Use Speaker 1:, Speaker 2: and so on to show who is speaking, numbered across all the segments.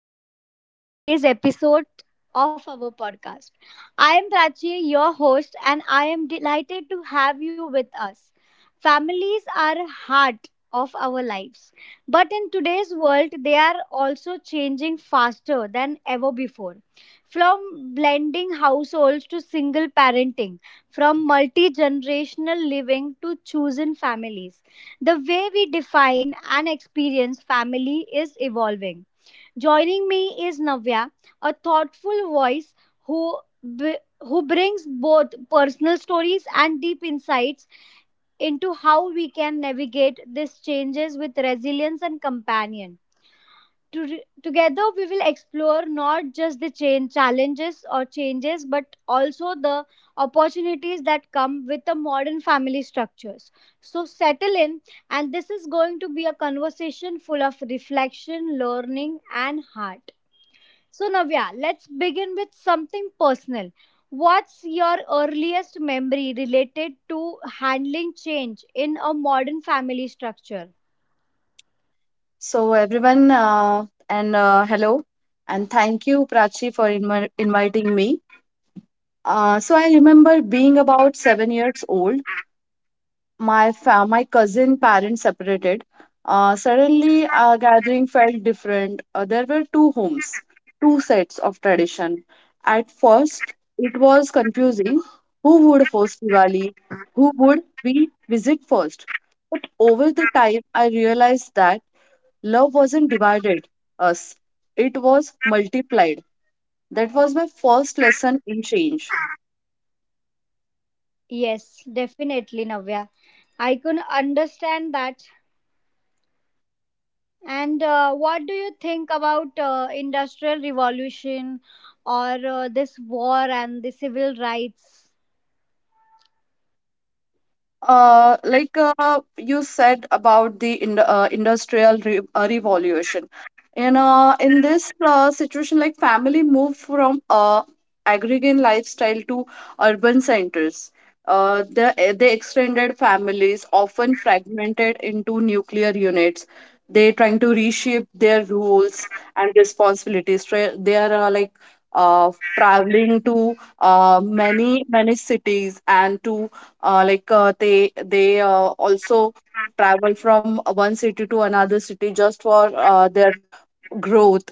Speaker 1: and welcome to today's episode of our podcast. I am Prachi, your host, and I am delighted to have you with us. Families are a heart of our lives, but in today's world, they are also changing faster than ever before. From blending households to single parenting, from multi generational living to chosen families, the way we define and experience family is evolving. Joining me is Navya, a thoughtful voice who who brings both personal stories and deep insights into how we can navigate these changes with resilience and companion. Together, we will explore not just the change challenges or changes, but also the opportunities that come with the modern family structures. So settle in, and this is going to be a conversation full of reflection, learning, and heart. So, Navya, let's begin with something personal. What's your earliest memory related to handling change in a modern family structure?
Speaker 2: So, everyone, and hello, and thank you, Prachi, for inviting me. I remember being about 7 years old. My cousin parents separated. Suddenly, our gathering felt different. There were two homes, two sets of tradition. At first, it was confusing who would host Diwali, who would we visit first. But over the time, I realized that love wasn't divided us, it was multiplied. That was my first lesson in change.
Speaker 1: Yes, definitely, Navya. I can understand that. And what do you think about industrial revolution or this war and the civil rights?
Speaker 2: You said about the industrial re revolution. In this situation, like family moved from agrarian lifestyle to urban centers. They extended families, often fragmented into nuclear units. They trying to reshape their roles and responsibilities. They are uh, traveling to many many cities, and to like they also travel from one city to another city just for their growth.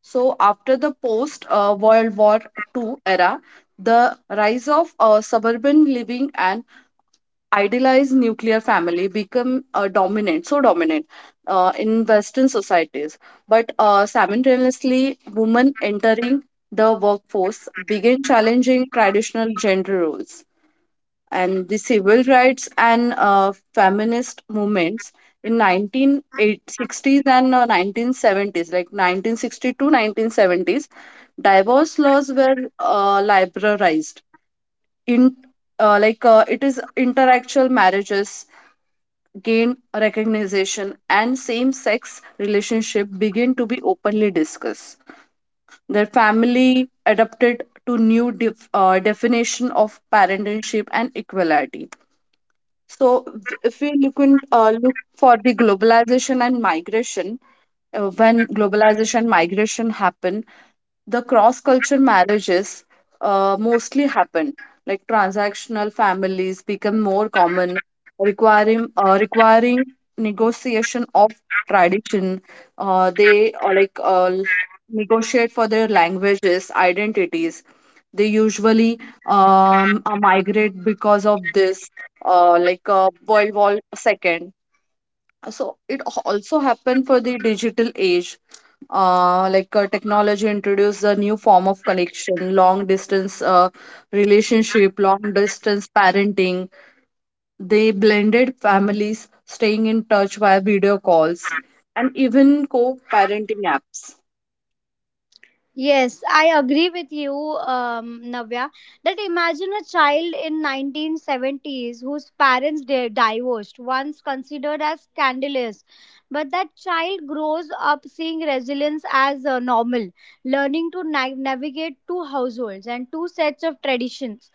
Speaker 2: So after the post World War II era, the rise of suburban living and idealized nuclear family become dominant in western societies. But simultaneously, women entering the workforce began challenging traditional gender roles, and the civil rights and feminist movements in 1960s and 1970s, like 1962 1970s, divorce laws were liberalized. In like it is interactual marriages gain recognition, and same-sex relationship begin to be openly discussed. Their family adapted to new definition of parentingship and equality. If we look for the globalization and migration, when globalization and migration happen, the cross culture marriages mostly happen, like transactional families become more common, requiring requiring negotiation of tradition. They negotiate for their languages identities. They usually migrate because of this World War II. So it also happened for the digital age. Technology introduced a new form of connection, long distance relationship, long distance parenting. They blended families staying in touch via video calls and even co-parenting apps.
Speaker 1: Yes, I agree with you, Navya. That imagine a child in 1970s whose parents divorced, once considered as scandalous, but that child grows up seeing resilience as normal, learning to navigate two households and two sets of traditions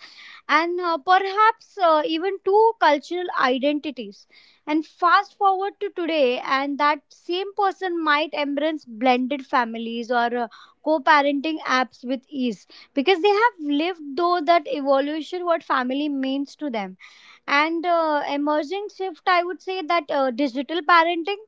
Speaker 1: and perhaps even two cultural identities. And fast forward to today, and that same person might embrace blended families or co parenting apps with ease because they have lived through that evolution, what family means to them, and emerging shift, I would say that digital parenting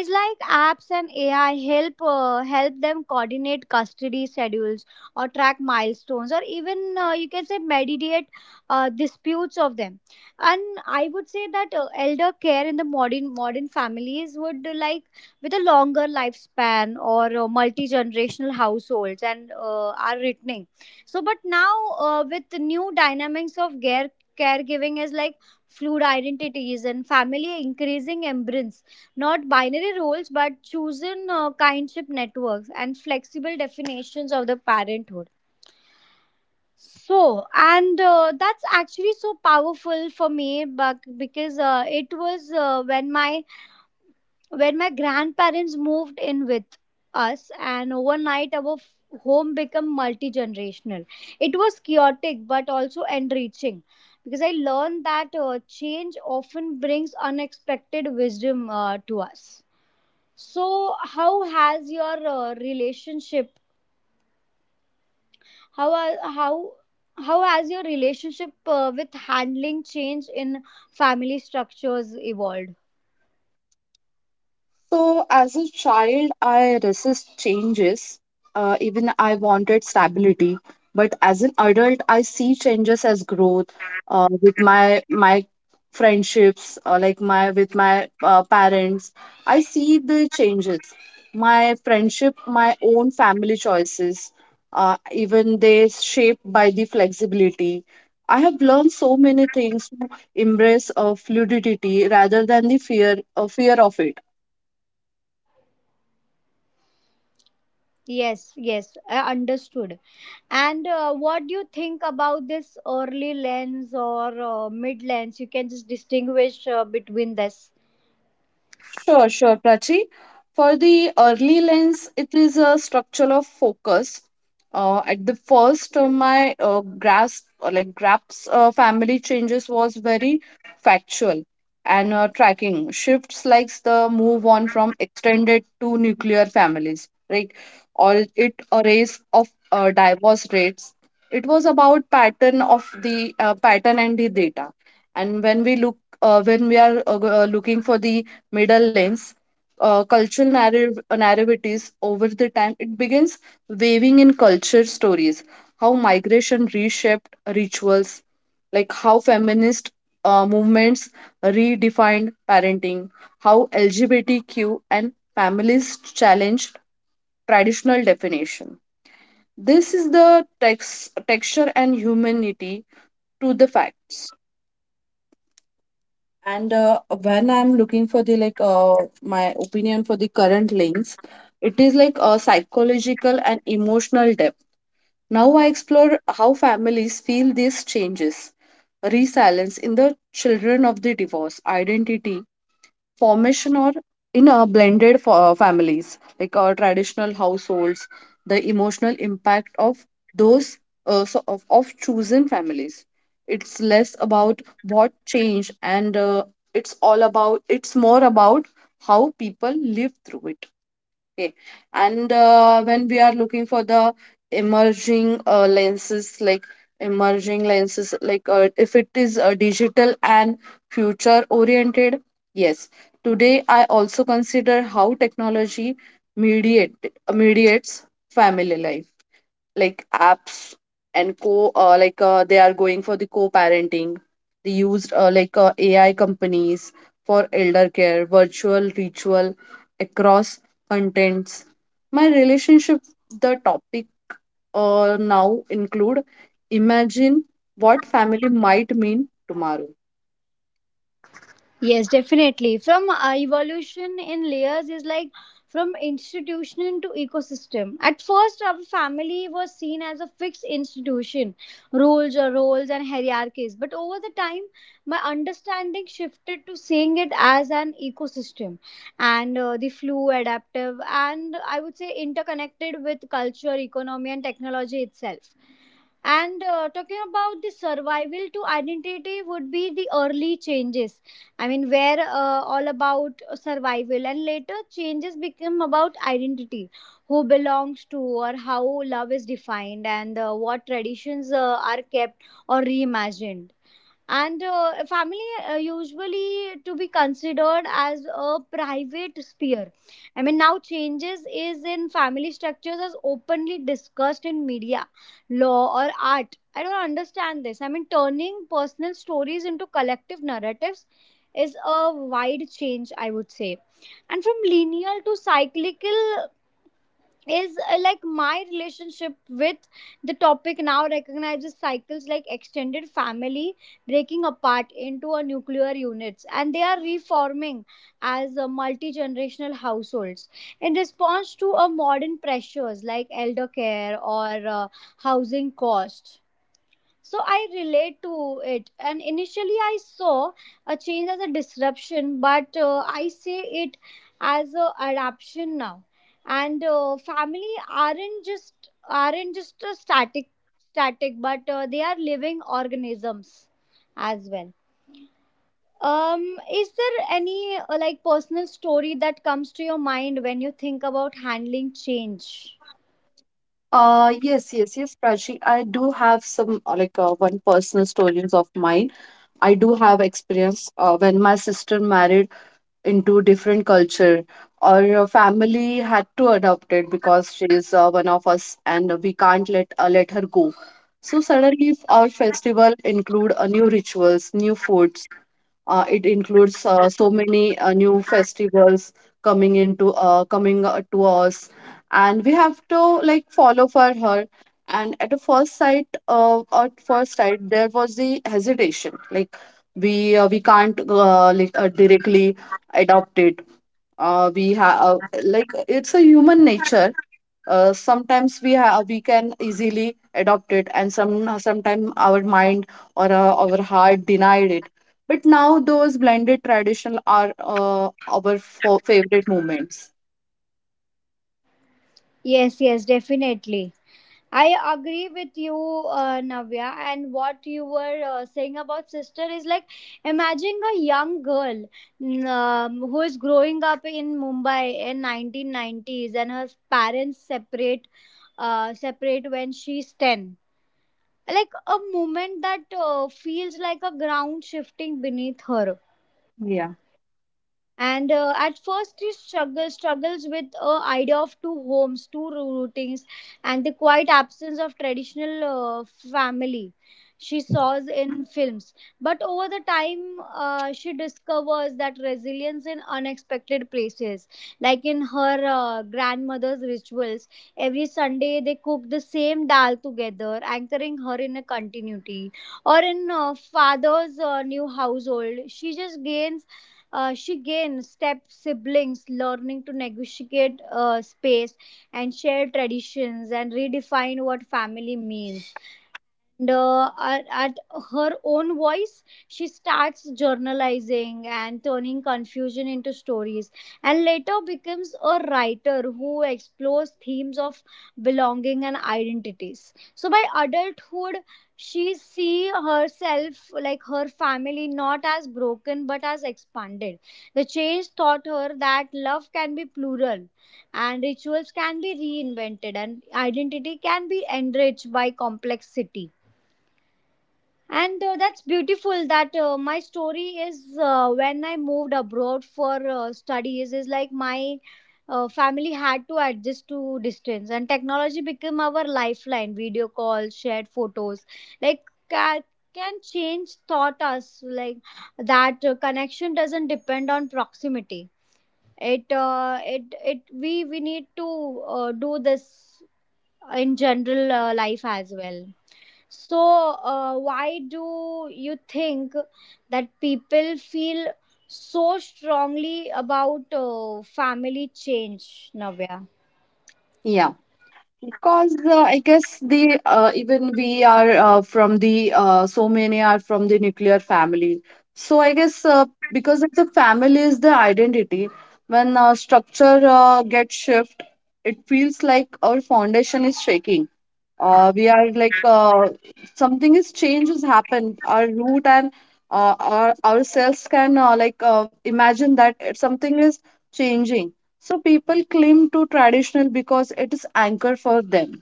Speaker 1: is like apps and AI help them coordinate custody schedules or track milestones or even you can say mediate disputes of them. And I would say that elder care in the modern families would, like, with a longer lifespan or multi generational households, and are returning. So but now, with the new dynamics of care, caregiving is like fluid identities and family increasing embrace not binary roles but chosen kindship networks and flexible definitions of the parenthood. So and that's actually so powerful for me but because it was when my grandparents moved in with us and overnight our home became multi-generational. It was chaotic but also enriching because I learned that change often brings unexpected wisdom to us. So how has your relationship, how are- how has your relationship with handling change in family structures evolved?
Speaker 2: So, as a child, I resist changes. Even I wanted stability. But as an adult, I see changes as growth with my friendships, like my with my parents. I see the changes. My friendship, my own family choices, even they shaped by the flexibility. I have learned so many things to embrace fluidity rather than the fear of it.
Speaker 1: Yes, yes, I understood. And what do you think about this early lens or mid lens? You can just distinguish between this.
Speaker 2: Sure, sure, Prachi. For the early lens, it is a structure of focus. At the first, my grasp family changes was very factual, and tracking shifts like the move on from extended to nuclear families, right? Or it a race of divorce rates. It was about pattern and the data. And when we are looking for the middle lanes, uh, cultural narrative, narratives over the time. It begins weaving in culture stories, how migration reshaped rituals, like how feminist movements redefined parenting, how LGBTQ and families challenged traditional definition. This is the texture and humanity to the facts. And when I'm looking for the my opinion for the current links, it is like a psychological and emotional depth. Now I explore how families feel these changes, resilience in the children of the divorce, identity, formation, or in a blended families like our traditional households, the emotional impact of those of chosen families. It's less about what changed, and it's more about how people live through it. Okay. And when we are looking for the emerging lenses, like emerging lenses, if it is digital and future oriented, yes. Today, I also consider how technology mediate mediates family life, like apps and co like they are going for the co-parenting. They used ai companies for elder care, virtual ritual across contents. My relationship, the topic now include imagine what family might mean tomorrow.
Speaker 1: Yes, definitely. From evolution in layers is like from institution to ecosystem. At first, our family was seen as a fixed institution, rules or roles and hierarchies. But over the time, my understanding shifted to seeing it as an ecosystem, and the flu, adaptive, and I would say interconnected with culture, economy, and technology itself. And talking about the survival to identity would be the early changes. I mean, where all about survival, and later changes become about identity, who belongs to, or how love is defined, and what traditions are kept or reimagined. And family usually to be considered as a private sphere. I mean now changes is in family structures as openly discussed in media, law or art. I don't understand this. I mean turning personal stories into collective narratives is a wide change, I would say. And from linear to cyclical is like my relationship with the topic now recognizes cycles like extended family breaking apart into a nuclear units and they are reforming as a multi-generational households in response to a modern pressures like elder care or housing costs. So I relate to it, and initially I saw a change as a disruption, but I see it as a adaptation now. And family aren't just a static but they are living organisms as well. um is there any like personal story that comes to your mind when you think about handling change?
Speaker 2: Yes, yes, yes, Prachi, I do have some one personal stories of mine. I do have experience when my sister married into different culture, or your family had to adopt it because she is one of us and we can't let her go. So suddenly if our festival include new rituals, new foods, it includes so many new festivals coming to us, and we have to like follow for her. And at first sight, there was the hesitation. Like we can't directly adopt it. We have it's a human nature. Sometimes we can easily adopt it, and sometimes our mind or our heart denied it. But now those blended traditional are our favorite moments.
Speaker 1: Yes, yes, definitely. I agree with you, Navya, and what you were saying about sister is like imagine a young girl who is growing up in Mumbai in 1990s and her parents separate when she's 10. Like a moment that feels like a ground shifting beneath her.
Speaker 2: Yeah,
Speaker 1: And at first he struggles with idea of two homes, two routings, and the quiet absence of traditional family she saws in films. But over the time she discovers that resilience in unexpected places, like in her grandmother's rituals. Every Sunday they cook the same dal together, anchoring her in a continuity. Or in father's new household she just gains, she gains step siblings, learning to negotiate space and share traditions and redefine what family means. And at her own voice, she starts journalizing and turning confusion into stories, and later becomes a writer who explores themes of belonging and identities. So by adulthood, she see herself, like her family not as broken but as expanded. The change taught her that love can be plural, and rituals can be reinvented, and identity can be enriched by complexity. And that's beautiful that my story is when I moved abroad for studies is like my family had to adjust to distance, and technology became our lifeline, video calls, shared photos, like ca- can change taught us like that connection doesn't depend on proximity. It we need to do this in general life as well. So, why do you think that people feel so strongly about family change, Navya?
Speaker 2: yeah, because I guess the even we are from the so many are from the nuclear family. So I guess because it's a family is the identity. When structure gets shift, it feels like our foundation is shaking. We are something is change has happened our root, and ourselves can imagine that something is changing. So people cling to traditional because it is anchor for them.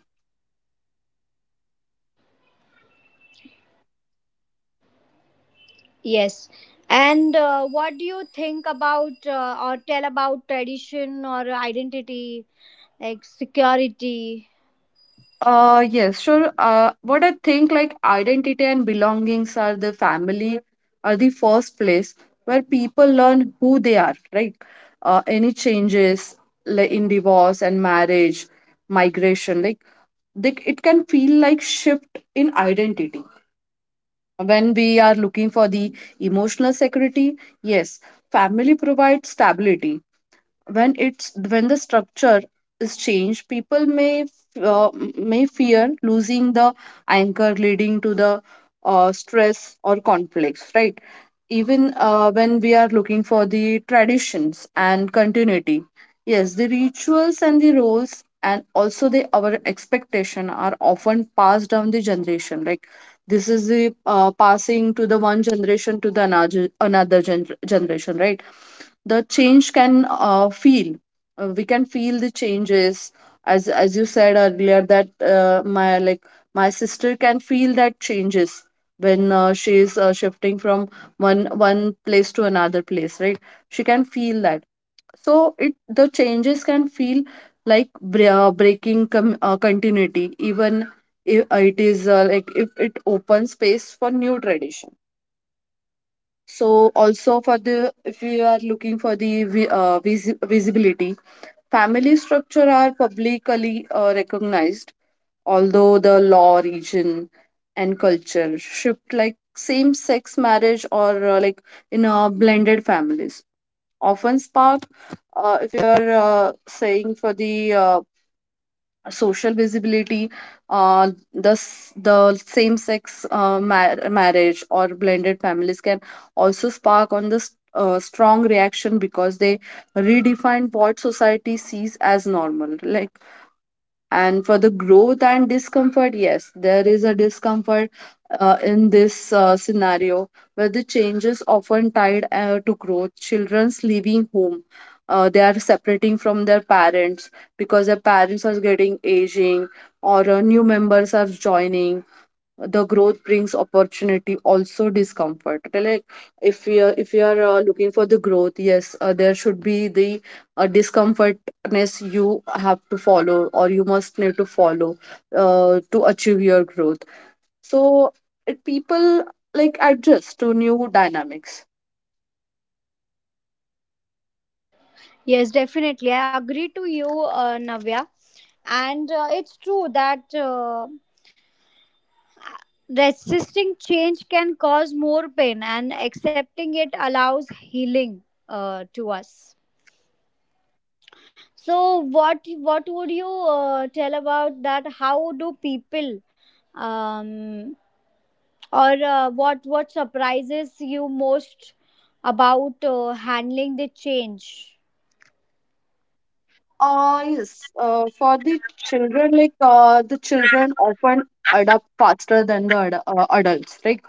Speaker 1: Yes. And what do you think about or tell about tradition or identity, like security?
Speaker 2: Yes, sure. What I think, like identity and belongings are the family, are the first place where people learn who they are. Any changes, like in divorce and marriage, migration, like it can feel like shift in identity. When we are looking for the emotional security, yes, family provides stability. When it's when the structure is changed, people may may fear losing the anchor, leading to the stress or conflicts, right? Even when we are looking for the traditions and continuity, yes, the rituals and the roles, and also the our expectation are often passed down the generation, like this is the passing to the one generation to the another another generation, right? The change can feel we can feel the changes, as you said earlier that my sister can feel that changes when she is shifting from one place to another place, right? She can feel that. So it the changes can feel like breaking continuity, even if it is if it opens space for new tradition. So also for the if you are looking for the visibility, family structure are publicly recognized, although the law, region, and culture shift, like same-sex marriage or in blended families often spark. If you are saying for the social visibility, the same sex marriage or blended families can also spark on this strong reaction because they redefine what society sees as normal. Like, and for the growth and discomfort, yes, there is a discomfort in this scenario where the change is often tied to growth, children's leaving home, they are separating from their parents because their parents are getting aging, or new members are joining, the growth brings opportunity, also discomfort. Okay, like if you are looking for the growth, yes, there should be the discomfortness you have to follow, or you must need to follow to achieve your growth. So people like adjust to new dynamics.
Speaker 1: Yes, definitely. I agree to you, Navya. And it's true that. Resisting change can cause more pain, and accepting it allows healing to us. So, what would you tell about that? How do people, um, or what surprises you most about handling the change?
Speaker 2: Yes, for the children, like the children often adapt faster than the ad adults. Like,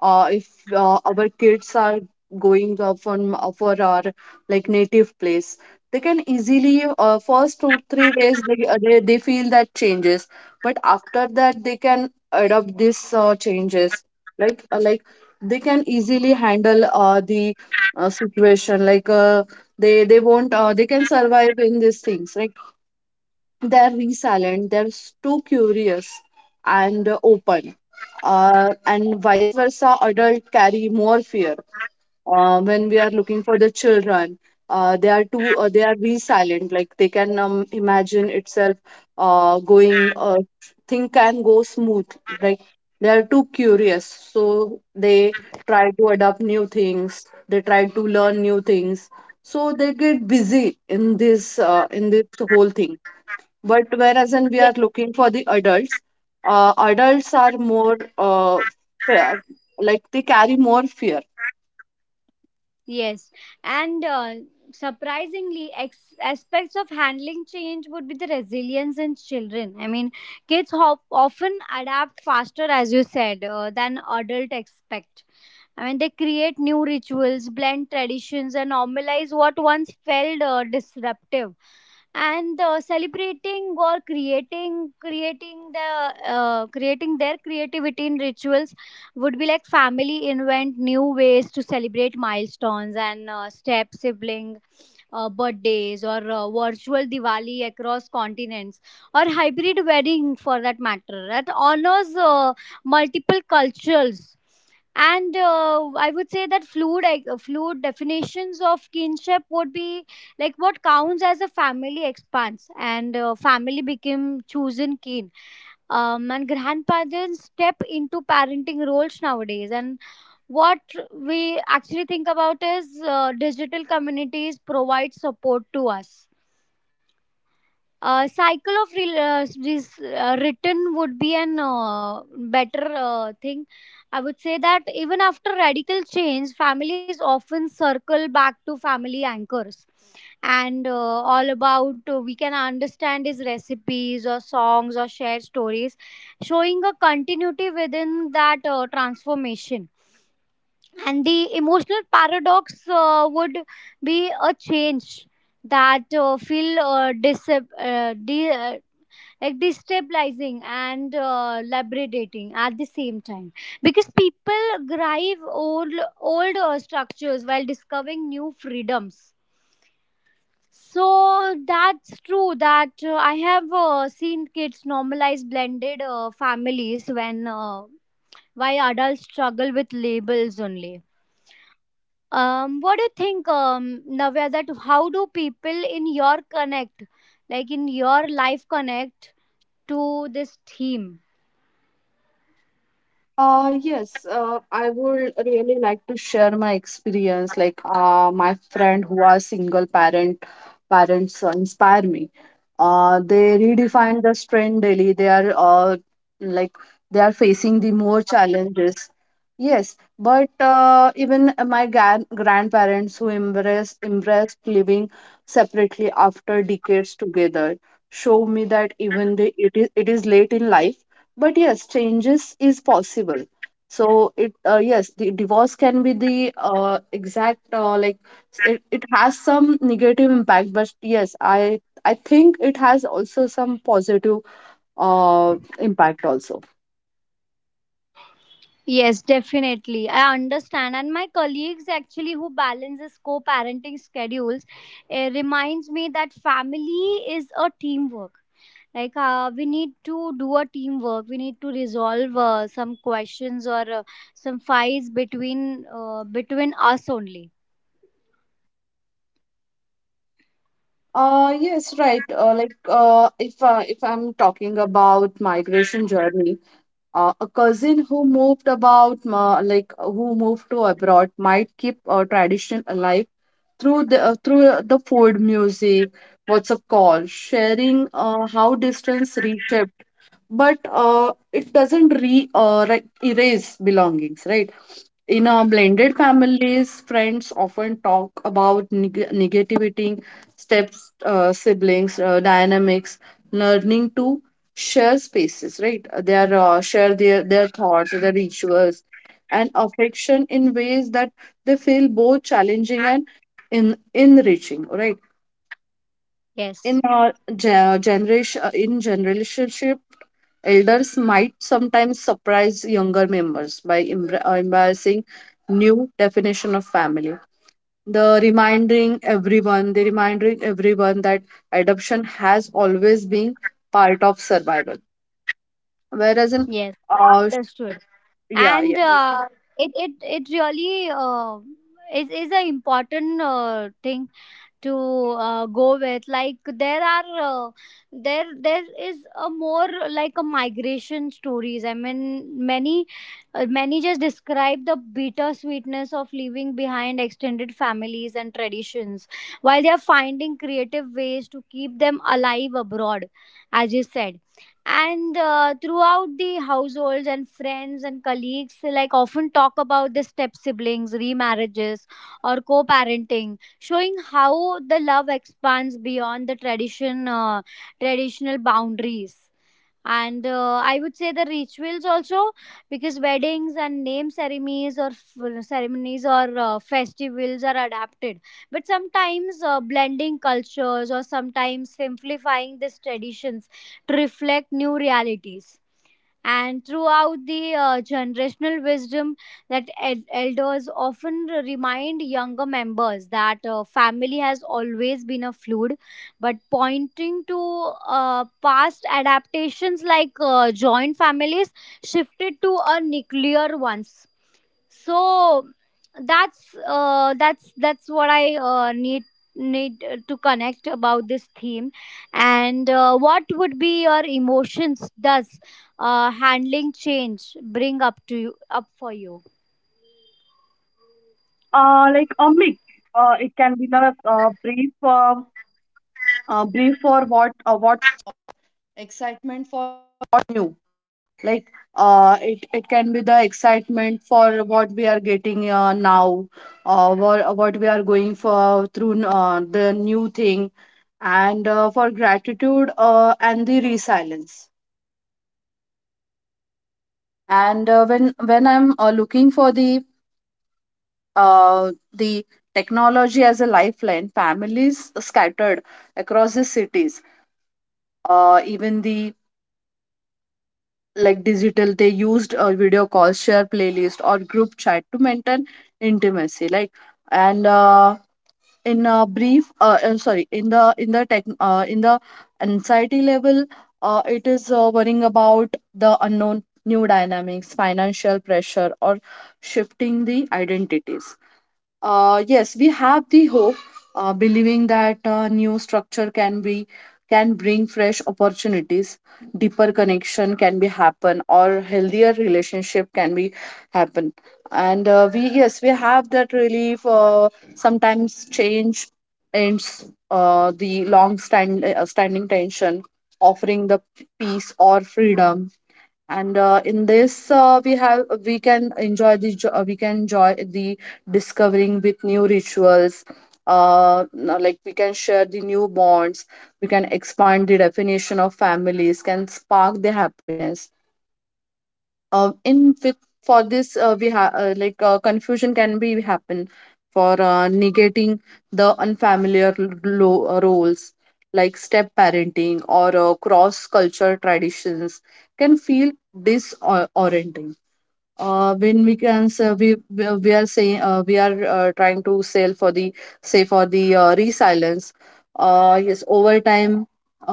Speaker 2: if our kids are going from for our like native place, they can easily first 2 or 3 days they feel that changes, but after that they can adapt these changes. Like, they can easily handle the situation, like they won't they can survive in these things, like they're resilient, they're too curious and open, and vice versa adult carry more fear. When we are looking for the children, they are be silent, like they can imagine itself going, thing can go smooth, like they are too curious, so they try to adopt new things, they try to learn new things, so they get busy in this whole thing. But whereas when we
Speaker 1: Yes.
Speaker 2: are looking for the adults are more fear- like they carry more fear.
Speaker 1: Yes, and surprisingly, aspects of handling change would be the resilience in children. I mean, kids often adapt faster, as you said, than adult expect. I mean, they create new rituals, blend traditions, and normalize what once felt disruptive. And celebrating or creating their creativity in rituals would be like family invent new ways to celebrate milestones and step sibling birthdays or virtual Diwali across continents or hybrid wedding for that matter that honors multiple cultures. And I would say that fluid definitions of kinship would be like what counts as a family expands, and family became chosen kin, and grandparents step into parenting roles nowadays. And what we actually think about is digital communities provide support to us. A cycle of this, written would be an better thing, I would say, that even after radical change families often circle back to family anchors. And all about we can understand is recipes or songs or shared stories showing a continuity within that transformation. And the emotional paradox would be a change that like destabilizing and liberating at the same time because people grive old structures while discovering new freedoms. So that's true that I have seen kids normalize blended families when why adults struggle with labels only. What do you think, Navya? That how do people in your connect, like in your life, connect to this theme?
Speaker 2: Yes, I would really like to share my experience. My friend who are single parent parents inspire me. They redefine the strain daily. They are like they are facing the more challenges. Yes, but even my grandparents who embraced living separately after decades together show me that even the it is late in life, but yes changes is possible. So it yes, the divorce can be the exact like it has some negative impact, but yes I think it has also some positive impact also.
Speaker 1: Yes, definitely. I understand. And my colleagues actually who balances co-parenting schedules, it reminds me that family is a teamwork. Like we need to do a teamwork. We need to resolve some questions or some fights between us only.
Speaker 2: Yes, right. If if I'm talking about migration journey, a cousin who moved about, ma- like who moved to abroad might keep tradition alive through the food, music, WhatsApp call, sharing how distance reshaped, but it doesn't re like erase belongings, right? In our blended families, friends often talk about negativity, steps, siblings, dynamics, learning to share spaces, right? They are share their thoughts, their rituals, and affection in ways that they feel both challenging and in enriching, right? In
Speaker 1: Yes.
Speaker 2: our in general relationship, elders might sometimes surprise younger members by embracing new definition of family. They reminding everyone that adoption has always been part of survival. Whereas in,
Speaker 1: Yes. I
Speaker 2: uh, sh-
Speaker 1: understood.
Speaker 2: yeah, yeah.
Speaker 1: And it really is an important thing to go with. Like there are there is a more like a migration stories. I mean many many just describe the bitter sweetness of leaving behind extended families and traditions while they are finding creative ways to keep them alive abroad, as you said. And throughout the households and friends and colleagues, like, often talk about the step siblings remarriages or co-parenting, showing how the love expands beyond the traditional boundaries. And I would say the rituals also, because weddings and name ceremonies or ceremonies or festivals are adapted, but sometimes blending cultures or sometimes simplifying these traditions to reflect new realities. And throughout the generational wisdom, that elders often remind younger members that family has always been a fluid, but pointing to past adaptations like joint families shifted to a nuclear ones. So that's what I need to connect about this theme. And what would be your emotions does handling change bring up to you up for you?
Speaker 2: Or what we are going for through the new thing, and for gratitude and the resilience. And when I'm looking for the technology as a lifeline, families scattered across the cities, even the like digital, they used calls, share playlist or group chat to maintain intimacy, like. And in a brief sorry, in the tech in the anxiety level, it is worrying about the unknown, new dynamics, financial pressure, or shifting the identities. Yes, we have the hope, believing that new structure can bring fresh opportunities, deeper connection can be happen, or healthier relationship can be happen. And we, yes, we have that relief. Sometimes change ends the long stand standing tension, offering the peace or freedom. And in this we have we can enjoy we can enjoy the discovering with new rituals. No, like we can share the new bonds, we can expand the definition of families, can spark the happiness. In with For this we have confusion can be happen for negating the unfamiliar roles like step parenting or cross culture traditions can feel disorienting. When we can say, we are saying we are trying to sell for the, say for the resilience. Yes, over time,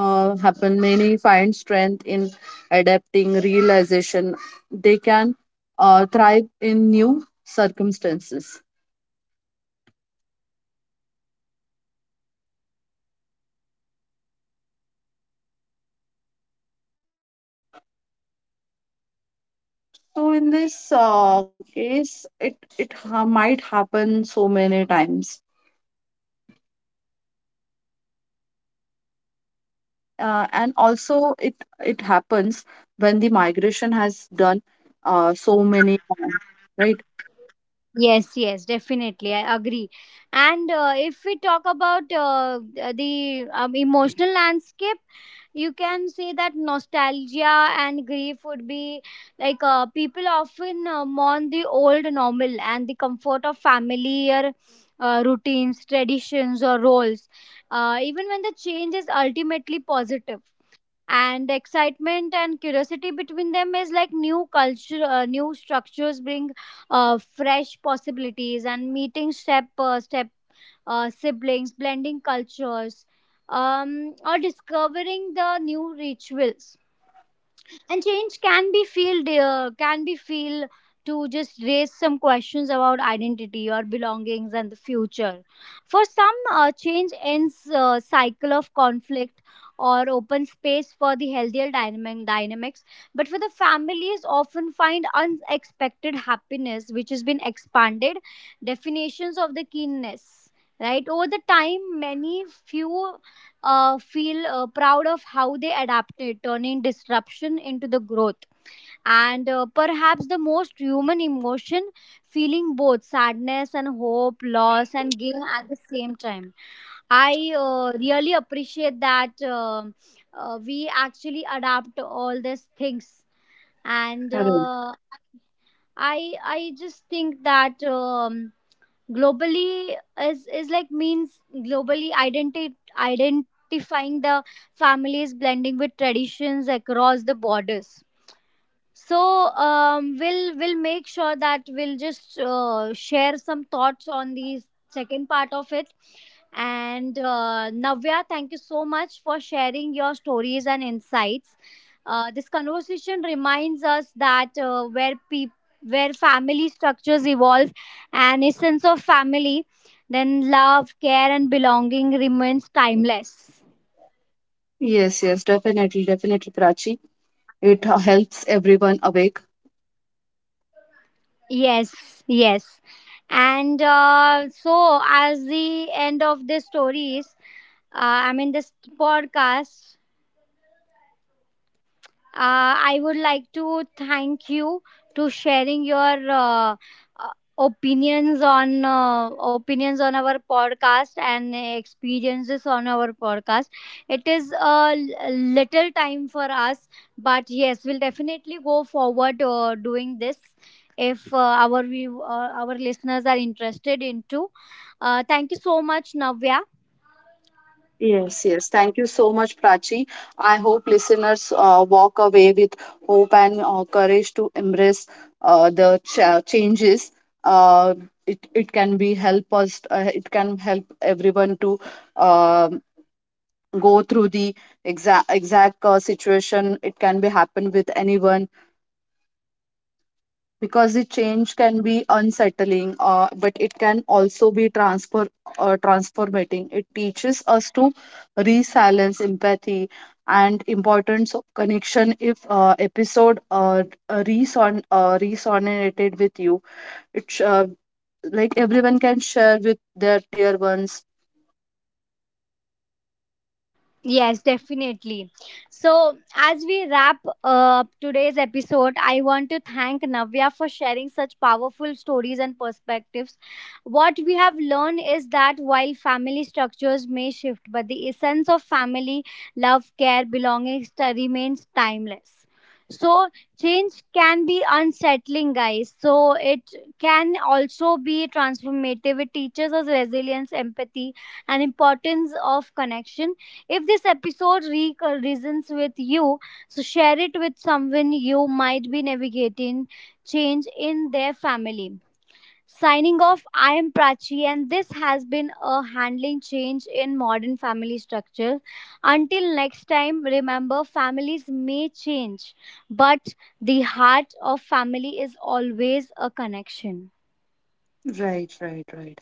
Speaker 2: happen many find strength in adapting realization. They can thrive in new circumstances. So in this case it might happen so many times. And also it happens when the migration has done so many times, right?
Speaker 1: Yes, yes, definitely. I agree. And if we talk about the emotional landscape, you can say that nostalgia and grief would be like people often mourn the old normal and the comfort of familiar routines, traditions, or roles, even when the change is ultimately positive. And excitement and curiosity between them is like new culture new structures bring fresh possibilities and meeting step siblings blending cultures, or discovering the new rituals. And change can be feel, to just raise some questions about identity or belongings and the future. For some, change ends cycle of conflict or open space for the healthier dynamics, but for the families often find unexpected happiness which has been expanded definitions of the keenness, right? Over the time, many few feel proud of how they adapted, turning disruption into the growth. And perhaps the most human emotion, feeling both sadness and hope, loss and gain at the same time. I really appreciate that we actually adapt all these things. And
Speaker 2: Correct.
Speaker 1: I I just think that. Globally is like means globally identifying the families blending with traditions across the borders. So we'll make sure that we'll just share some thoughts on the second part of it. And Navya, thank you so much for sharing your stories and insights. This conversation reminds us that where people where family structures evolve and a sense of family, then love, care, and belonging remains timeless.
Speaker 2: Yes, yes, definitely, definitely, Prachi. It helps everyone awake.
Speaker 1: Yes, yes. And so, as the end of this stories, uh, I mean, this podcast, I would like to thank you to sharing your uh, opinions on opinions on our podcast and experiences on our podcast. It is a little time for us, but yes, we'll definitely go forward doing this if our listeners are interested into. Thank you so much, Navya.
Speaker 2: Yes, yes. Thank you so much, Prachi. I hope listeners walk away with hope and courage to embrace the changes. Uh, it can be help us. It can help everyone to um go through the exact situation. It can be happen with anyone because the change can be unsettling, but it can also be transfer transformating. It teaches us to resilience, empathy, and importance of connection. If episode resonated with you, it sh- like everyone can share with their dear ones.
Speaker 1: Yes, definitely. So, as we wrap up today's episode, I want to thank Navya for sharing such powerful stories and perspectives. What we have learned is that while family structures may shift, but the essence of family, love, care, remains timeless. So, change can be unsettling, guys. So, it can also be transformative. It teaches us resilience, empathy, and importance of connection. If this episode resonates with you, so share it with someone you might be navigating change in their family. Signing off, I am Prachi, and this has been a handling change in modern family structure. Until next time, remember, families may change, but the heart of family is always a connection.
Speaker 2: Right, right, right.